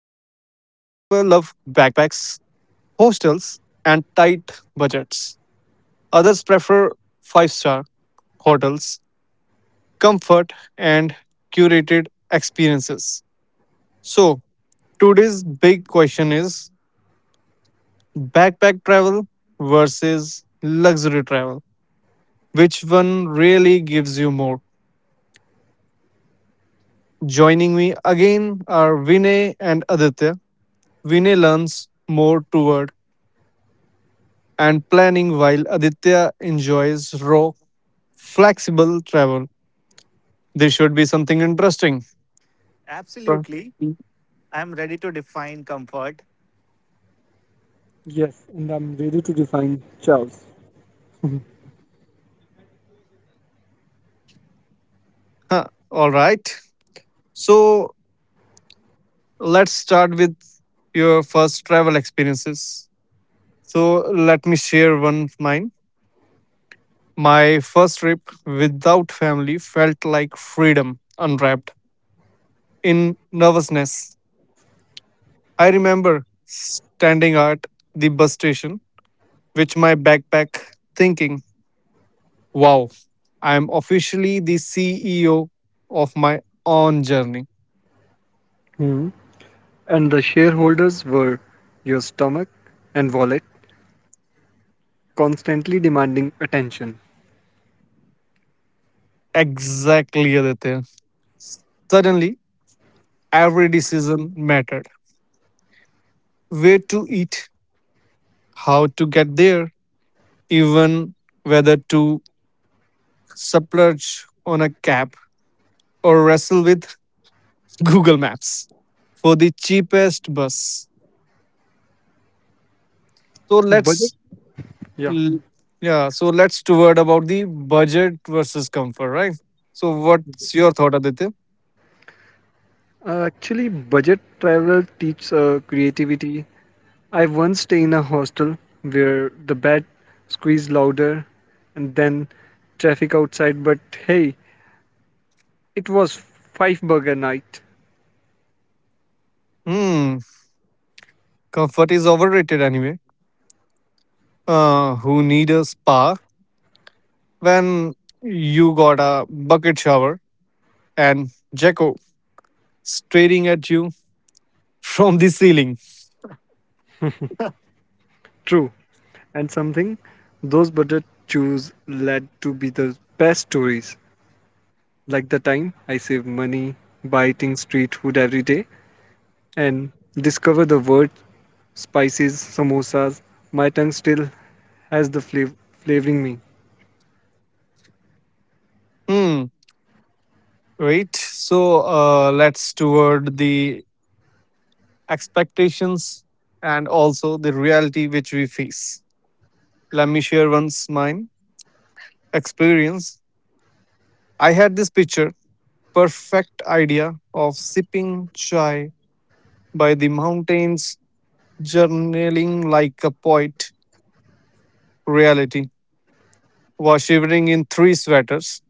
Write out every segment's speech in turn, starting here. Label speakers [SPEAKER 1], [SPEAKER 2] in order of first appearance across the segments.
[SPEAKER 1] backpacks, hostels, and tight budgets. Others prefer five-star hotels, comfort, and curated experiences. So, today's big question is backpack travel versus luxury travel. Which one really gives you more? Joining me again are Vinay and Aditya. Vinay learns more toward and planning while Aditya enjoys raw, flexible travel. This should be something interesting. Right.
[SPEAKER 2] Absolutely. I'm ready to define comfort.
[SPEAKER 3] Yes, and I'm ready to define chaos.
[SPEAKER 1] Huh, All right. So let's start with your first travel experiences. So let me share one of mine. My first trip without family felt like freedom unwrapped in nervousness. I remember standing at the bus station with my backpack thinking, wow, I am officially the CEO of my own journey.
[SPEAKER 3] Hmm. And the shareholders were your stomach and wallet, constantly demanding attention.
[SPEAKER 1] Exactly, Aditya. Suddenly, every decision mattered. Where to eat, how to get there, even whether to splurge on a cab or wrestle with Google Maps for the cheapest bus. So
[SPEAKER 3] Budget?
[SPEAKER 1] let's
[SPEAKER 3] Yeah.
[SPEAKER 1] l- yeah, so let's to word about the budget versus comfort, right? So what's
[SPEAKER 3] budgets.
[SPEAKER 1] your thought, Aditya?
[SPEAKER 3] Actually, budget travel teaches creativity. I once stayed in a hostel where the bed squeezed louder and then traffic outside, but hey, it was five burger night.
[SPEAKER 1] Hmm, Comfort is overrated anyway. Who need a spa when you got a bucket shower and Jacko staring at you from the ceiling?
[SPEAKER 3] True. And something, those budget choose led to be the best stories, like the time I save money by eating street food every day and discover the word spices samosas. My tongue still has the flavoring me.
[SPEAKER 1] Hmm. Right. So let's toward the expectations and also the reality which we face. Let me share once mine experience. I had this picture, perfect idea of sipping chai by the mountains, journaling like a poet. Reality was shivering in three sweaters,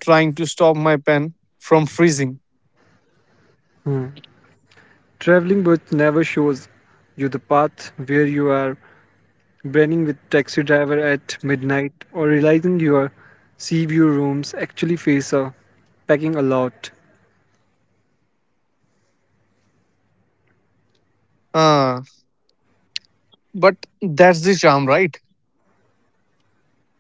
[SPEAKER 1] trying to stop my pen from freezing.
[SPEAKER 3] Hmm. Traveling but never shows you the path where you are branding with taxi driver at midnight, or realizing your sea view rooms actually face a packing a lot.
[SPEAKER 1] Ah, but that's the charm, right?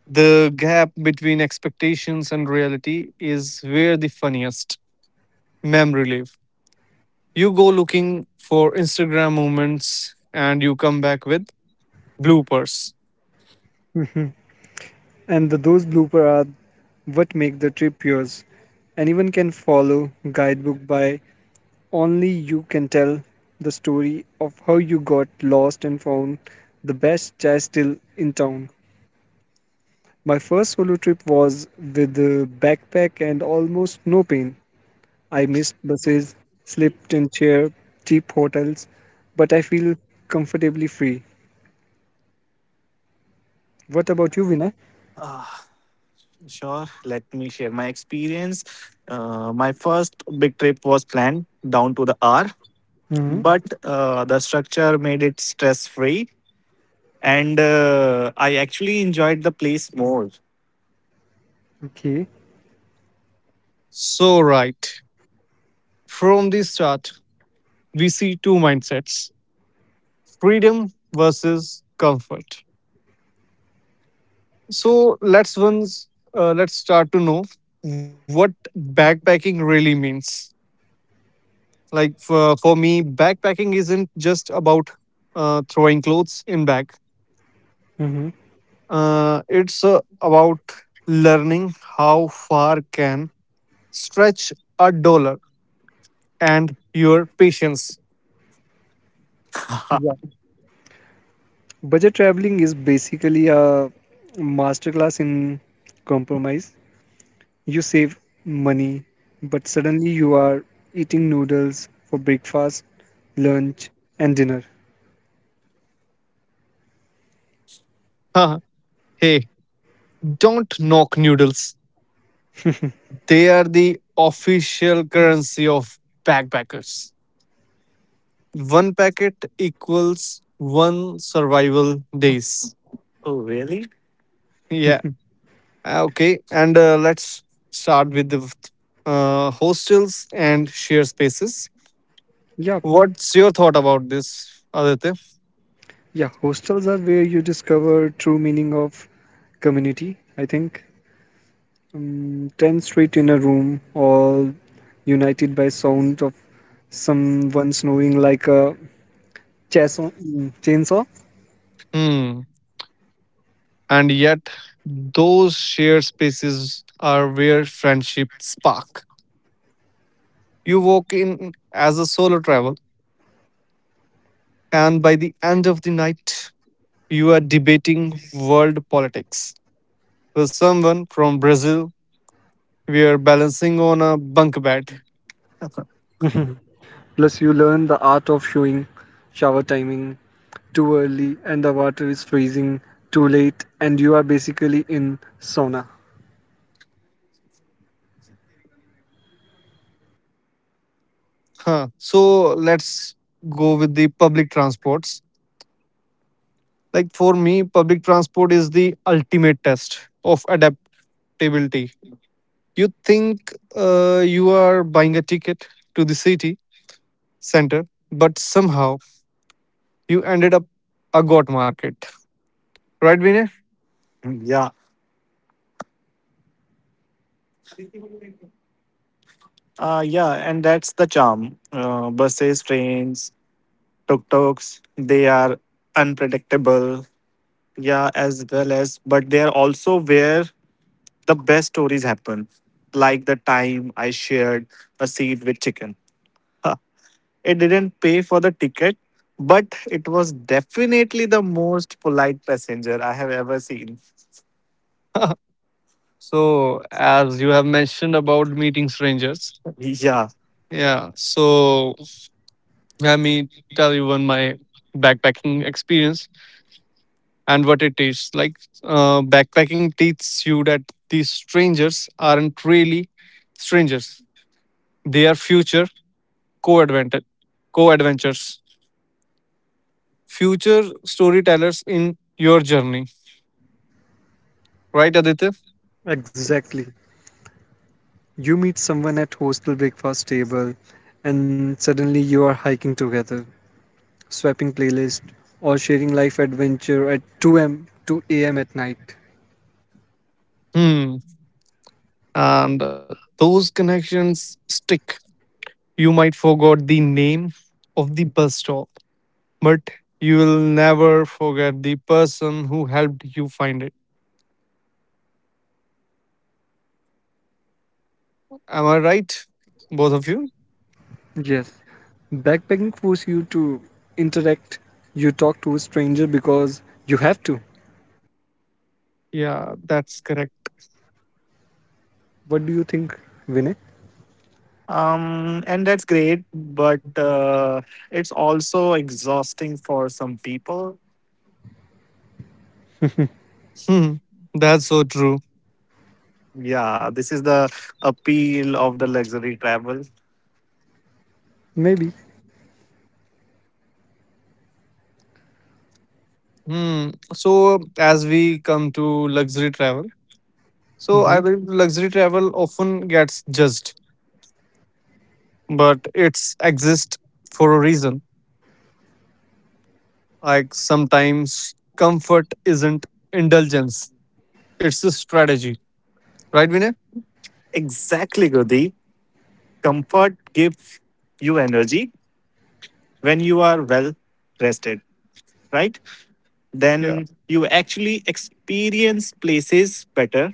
[SPEAKER 1] The gap between expectations and reality is where the funniest memory live. You go looking for Instagram moments and you come back with bloopers.
[SPEAKER 3] Mhm. And those bloopers are what make the trip yours. Anyone can follow guidebook by only you can tell the story of how you got lost and found the best chai still in town. My first solo trip was with a backpack and almost no pain. I missed buses, slept in chair, cheap hotels, but I feel comfortably free. What about you, Vinay?
[SPEAKER 2] Ah, sure, let me share my experience. My first big trip was planned down to the hour,
[SPEAKER 3] Mm-hmm.
[SPEAKER 2] but the structure made it stress free, and I actually enjoyed the place more.
[SPEAKER 3] Okay.
[SPEAKER 1] So right. From the start, we see two mindsets. Freedom versus comfort. So let's once let's start to know what backpacking really means. Like for me, backpacking isn't just about throwing clothes in bag.
[SPEAKER 3] Mm-hmm.
[SPEAKER 1] It's about learning how far can stretch a dollar and your patience.
[SPEAKER 2] Oh,
[SPEAKER 3] Yeah. Budget traveling is basically a masterclass in compromise. You save money, but suddenly you are eating noodles for breakfast, lunch, and dinner.
[SPEAKER 1] Haha, Hey, don't knock noodles. They are the official currency of backpackers. One packet equals one survival days.
[SPEAKER 2] really?
[SPEAKER 1] Yeah. Okay. And let's start with the hostels and share spaces.
[SPEAKER 3] Yeah,
[SPEAKER 1] What's your thought about this, Aditya?
[SPEAKER 3] yeah, hostels are where you discover true meaning of community, I think. 10 straight in a room, all united by sound of someone snoring like a chainsaw. chainsaw.
[SPEAKER 1] Hmm. And yet, those shared spaces are where friendship spark. You walk in as a solo travel, and by the end of the night, you are debating world politics with someone from Brazil. We are balancing on a bunk bed.
[SPEAKER 3] Plus, you learn the art of showing shower timing too early and the water is freezing too late, and you are basically in sauna.
[SPEAKER 1] Huh. So let's go with the public transports. Like for me, public transport is the ultimate test of adaptability. You think you are buying a ticket to the city center, but somehow you ended up a goat market. Right, Vinay?
[SPEAKER 2] Yeah. Yeah, and that's the charm. Buses, trains, tuk tuks, they are unpredictable. Yeah, as well as, but they are also where the best stories happen, like the time I shared a seat with chicken. Ha, it didn't pay for the ticket, but it was definitely the most polite passenger I have ever seen.
[SPEAKER 1] So, as you have mentioned about meeting strangers,
[SPEAKER 2] Yeah.
[SPEAKER 1] yeah. So, let me tell you one my backpacking experience and what it is like. Backpacking teaches you that these strangers aren't really strangers; they are future co-adventure, co-adventures, future storytellers in your journey. Right, Aditya?
[SPEAKER 3] Exactly. You meet someone at hostel breakfast table, and suddenly you are hiking together, swapping playlist, or sharing life adventure at 2m 2 a.m. two a m at night.
[SPEAKER 1] Hmm. And those connections stick. You might forgot the name of the bus stop, but you will never forget the person who helped you find it. Am I right, both of you?
[SPEAKER 3] Yes, backpacking forces you to interact. You talk to a stranger because you have to.
[SPEAKER 1] Yeah, that's correct.
[SPEAKER 3] What do you think, Vinay?
[SPEAKER 2] And that's great, but it's also exhausting for some people.
[SPEAKER 1] Hmm, that's so true.
[SPEAKER 2] Yeah, this is the appeal of the luxury travel.
[SPEAKER 3] Maybe.
[SPEAKER 1] Hmm. So as we come to luxury travel, so I
[SPEAKER 3] Mhm.
[SPEAKER 1] believe luxury travel often gets judged, but it's exist for a reason. Like sometimes comfort isn't indulgence; it's a strategy, right, Vinay?
[SPEAKER 2] Exactly, Gudi. Comfort gives you energy when you are well rested, right?
[SPEAKER 1] Yeah,
[SPEAKER 2] Then you actually experience places better.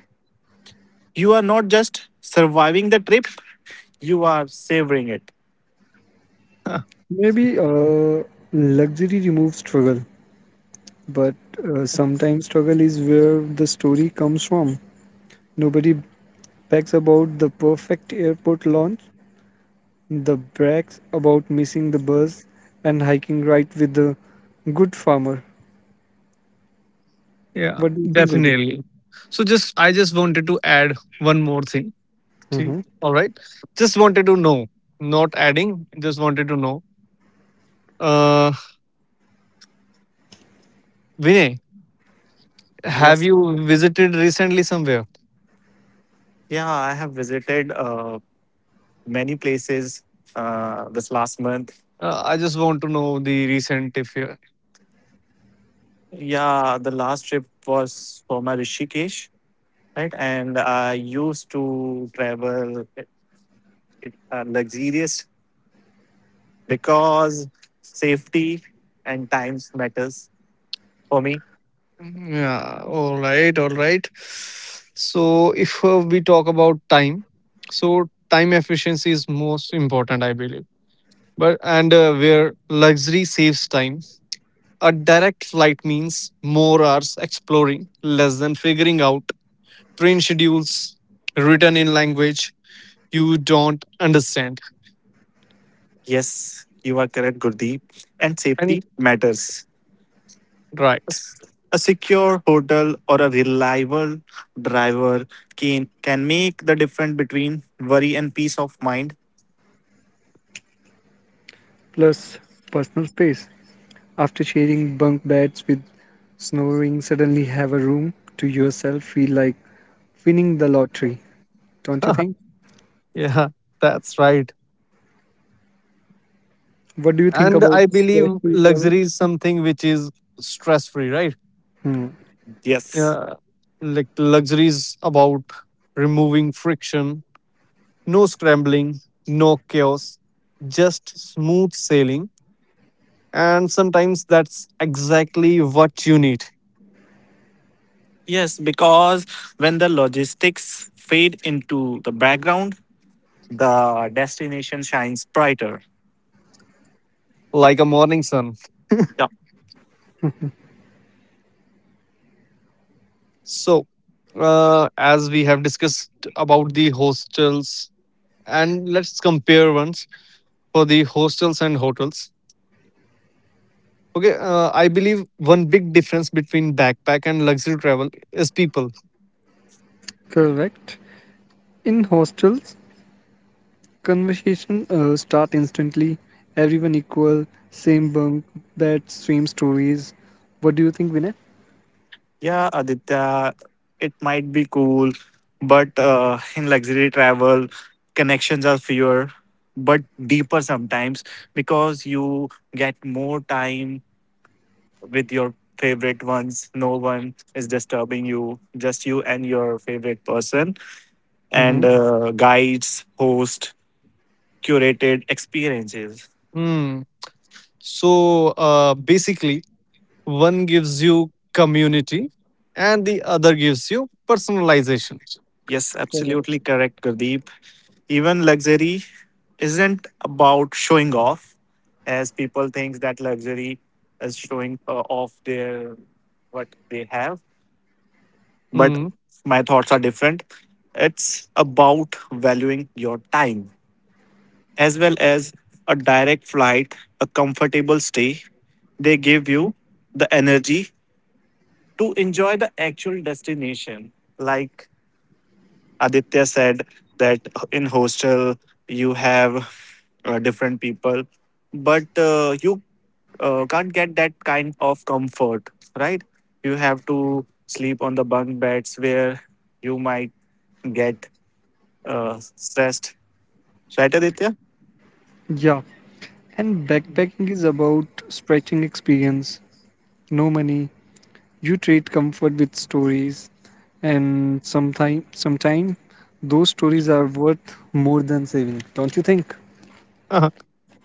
[SPEAKER 2] You are not just surviving the trip, you are savoring it.
[SPEAKER 3] Maybe, luxury removes struggle, but sometimes struggle is where the story comes from. Nobody brags about the perfect airport launch, the brags about missing the bus and hiking right with the good farmer.
[SPEAKER 1] yeah,
[SPEAKER 3] What do you think, Gurudev?
[SPEAKER 1] definitely. So just wanted to add one more thing. T-
[SPEAKER 3] Hmm.
[SPEAKER 1] All right. Just wanted to know, not adding, just wanted to know. Uh, Vinay, have
[SPEAKER 2] Yes.
[SPEAKER 1] you visited recently somewhere?
[SPEAKER 2] Yeah, I have visited many places this last month.
[SPEAKER 1] I just want to know the recent if you.
[SPEAKER 2] Yeah, the last trip was for my Rishikesh, right? And I used to travel it luxurious because safety and times matters for me.
[SPEAKER 1] Yeah, all right, all right. So, if we talk about time, so time efficiency is most important, I believe, but and where luxury saves time. A direct flight means more hours exploring, less than figuring out train schedules written in language you don't understand.
[SPEAKER 2] Yes, you are correct, Gurdeep. And
[SPEAKER 1] And
[SPEAKER 2] safety matters. A
[SPEAKER 1] right.
[SPEAKER 2] s- a secure hotel or a reliable driver can make the difference between worry and peace of mind.
[SPEAKER 3] Plus personal space. After sharing bunk beds with snoring, suddenly have a room to yourself feel like winning the lottery, don't you think?
[SPEAKER 1] Yeah, that's right.
[SPEAKER 3] What do you think
[SPEAKER 1] And
[SPEAKER 3] about
[SPEAKER 1] I believe
[SPEAKER 3] stress-free travel?
[SPEAKER 1] luxury is something which is stress free, right?
[SPEAKER 3] Hmm,
[SPEAKER 2] Yes.
[SPEAKER 1] Yeah. Like luxury is about removing friction, no scrambling, no chaos, just smooth sailing. And sometimes that's exactly what you need,
[SPEAKER 2] Yes, because when the logistics fade into the background, the destination shines brighter.
[SPEAKER 1] like a morning sun.
[SPEAKER 2] Yeah.
[SPEAKER 1] So, as we have discussed about the hostels, and let's compare ones for the hostels and hotels. Okay, I believe one big difference between backpack and luxury travel is people.
[SPEAKER 3] correct. In hostels, conversation start instantly. Everyone equal, same bunk, bed, same stories. What do you think, Vinay?
[SPEAKER 2] Yeah, Aditya, it might be cool, but in luxury travel, connections are fewer, but deeper sometimes because you get more time with your favorite ones. No one is disturbing you, just you and your favorite person, and
[SPEAKER 3] Mm-hmm.
[SPEAKER 2] guides, host, curated experiences.
[SPEAKER 1] Hmm. So, basically, one gives you community, and the other gives you personalization.
[SPEAKER 2] Yes, absolutely
[SPEAKER 3] Correct.
[SPEAKER 2] correct, Gurdeep. Even luxury isn't about showing off, as people think that luxury is showing off their what they have, but
[SPEAKER 1] Hmm.
[SPEAKER 2] my thoughts are different. It's about valuing your time, as well as a direct flight, a comfortable stay, they give you the energy to enjoy the actual destination, like Aditya said, that in hostel you have different people, but you can't get that kind of comfort, right? You have to sleep on the bunk beds where you might get stressed, right, Aditya?
[SPEAKER 3] Yeah, and backpacking is about stretching experience. No money. You trade comfort with stories, and those stories are worth more than saving. Don't you think?
[SPEAKER 1] Uh-huh.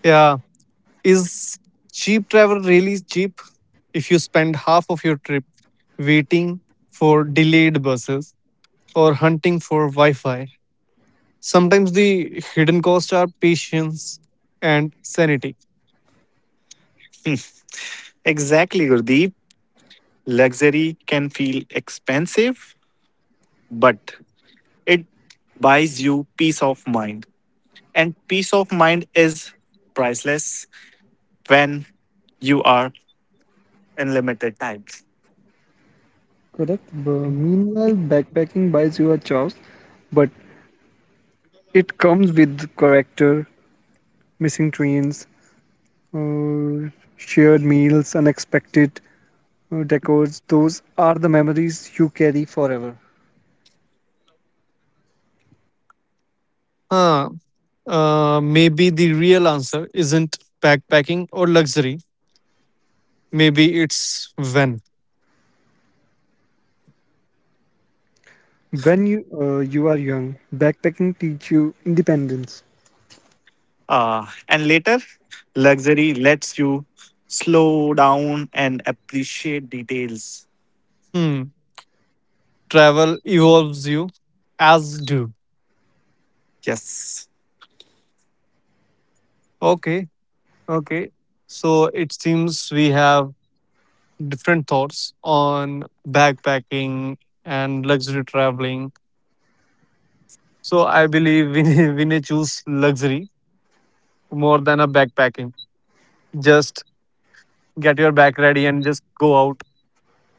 [SPEAKER 1] Yeah, is cheap travel really cheap if you spend half of your trip waiting for delayed buses or hunting for Wi Fi? Sometimes the hidden costs are patience and sanity.
[SPEAKER 2] Exactly, Gurdeep. Luxury can feel expensive, but it buys you peace of mind, and peace of mind is priceless when you are in limited time.
[SPEAKER 3] Correct. But meanwhile, backpacking buys you a chance, but it comes with character, missing trains, uh, shared meals, unexpected decors. Those are the memories you carry forever.
[SPEAKER 1] Huh, maybe the real answer isn't backpacking or luxury. Maybe it's when.
[SPEAKER 3] When you are young, backpacking teach you independence.
[SPEAKER 2] And later, luxury lets you slow down and appreciate details.
[SPEAKER 1] Hmm. Travel evolves you, as do.
[SPEAKER 2] Yes.
[SPEAKER 1] Okay. Okay. So it seems we have different thoughts on backpacking and luxury traveling. So I believe we we Vinay choose luxury more than a backpacking. Just get your bag ready and just go out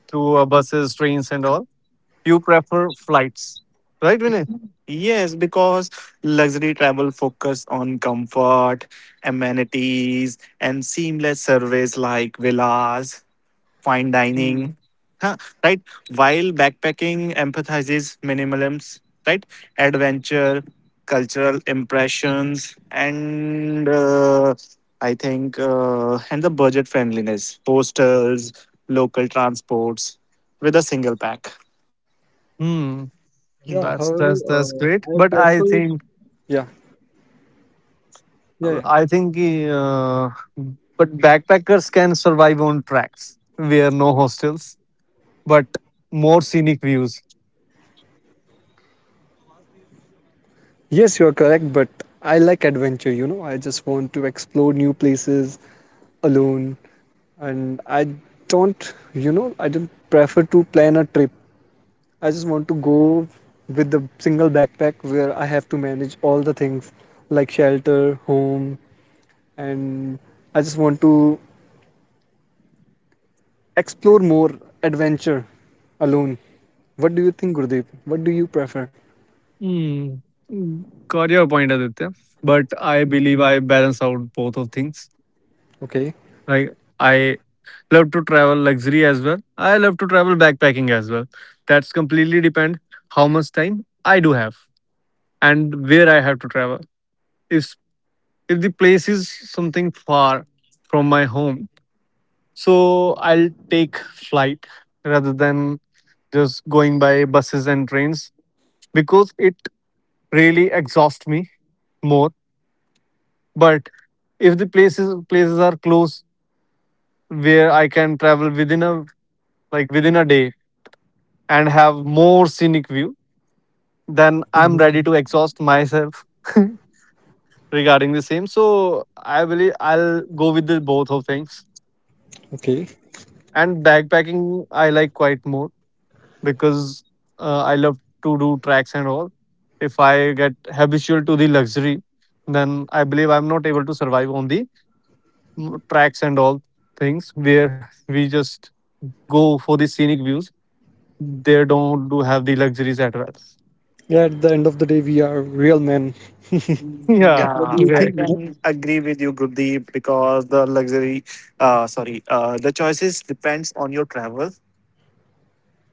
[SPEAKER 1] to buses, trains, and all. You prefer flights, right, Vinay?
[SPEAKER 2] Yes, because luxury travel focus on comfort, amenities, and seamless service like villas, fine
[SPEAKER 1] Mm.
[SPEAKER 2] dining, huh, right? While backpacking emphasizes minimalism, right? Adventure, cultural impressions, and I think and the budget friendliness, hostels, local transports with a single pack.
[SPEAKER 1] Hmm.
[SPEAKER 3] Yeah,
[SPEAKER 1] That's
[SPEAKER 3] however,
[SPEAKER 1] that's that's great.
[SPEAKER 3] I
[SPEAKER 1] But I
[SPEAKER 3] prefer.
[SPEAKER 1] think
[SPEAKER 3] Yeah, yeah, yeah.
[SPEAKER 1] I think uh, but backpackers can survive on tracks where no hostels, but more scenic views.
[SPEAKER 3] Yes, you are correct, but I like adventure. I just want to explore new places alone, and I don't prefer to plan a trip. I just want to go with the single backpack where I have to manage all the things like shelter, home, and I just want to explore more adventure alone. What do you think, Gurdeep? What do you prefer?
[SPEAKER 1] Hmm. Got your point, Aditya. But I
[SPEAKER 3] Mm.
[SPEAKER 1] believe I balance out both of things.
[SPEAKER 3] Okay.
[SPEAKER 1] Like, I love to travel luxury as well. I love to travel backpacking as well. That's completely depend how much time I do have and where I have to travel. If if the place is something far from my home, so I'll take flight rather than just going by buses and trains because it really exhausts me more. But if the places are close where I can travel within a within a day and have more scenic view, then I'm
[SPEAKER 3] Mhm.
[SPEAKER 1] ready to exhaust myself regarding the same. So I believe I'll go with the both of things.
[SPEAKER 3] Okay.
[SPEAKER 1] And backpacking I like quite more because I love to do tracks and all. If I get habitual to the luxury, then I believe I'm not able to survive on the tracks and all things where we just go for the scenic views. They don't do have the luxuries at all.
[SPEAKER 3] Yeah, at the end of the day, we are real men. What
[SPEAKER 1] Yeah.
[SPEAKER 3] do
[SPEAKER 2] Yeah,
[SPEAKER 3] you
[SPEAKER 2] I
[SPEAKER 3] think,
[SPEAKER 1] Okay.
[SPEAKER 3] Vinod?
[SPEAKER 2] can agree with you, Gurdeep, because the sorry, the choices depends on your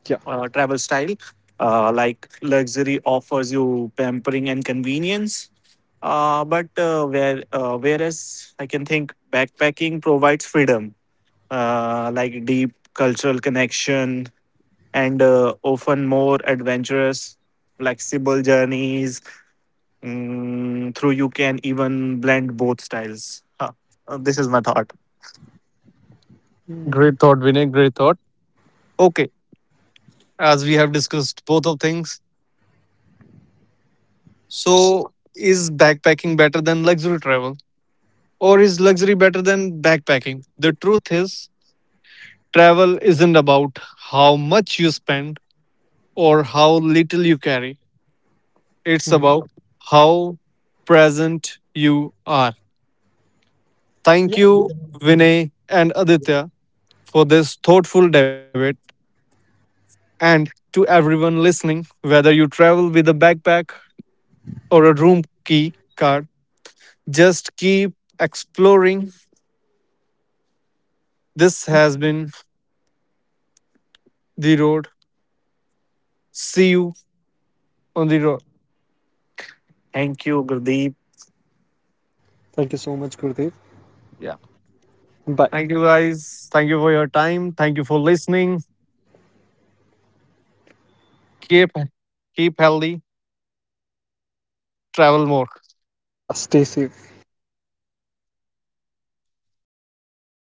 [SPEAKER 3] Yeah.
[SPEAKER 2] travel style. Like luxury offers you pampering and convenience, but whereas I can think backpacking provides freedom, like deep cultural connection and often more adventurous, flexible journeys. Mm, through you can even blend both styles. Huh. This is my thought.
[SPEAKER 3] Mm,
[SPEAKER 1] Great thought, Vinay. Great thought. Okay, as we have discussed both of things, so is backpacking better than luxury travel, or is luxury better than backpacking? The truth is, travel isn't about how much you spend or how little you carry. It's
[SPEAKER 3] mm.
[SPEAKER 1] about how present you are. Thank
[SPEAKER 3] Yeah.
[SPEAKER 1] you, Vinay and Aditya, for this thoughtful debate, and to everyone listening, whether you travel with a backpack or a room key card. Just keep exploring. This has been The Road. See you on the road.
[SPEAKER 2] Thank you, Gurdeep.
[SPEAKER 3] Thank you so much, Gurdeep.
[SPEAKER 1] Yeah.
[SPEAKER 3] Bye.
[SPEAKER 1] Thank you guys. Thank you for your time. Thank you for listening. Keep Keep healthy. Travel more.
[SPEAKER 3] Yeah, stay safe.
[SPEAKER 1] And bye.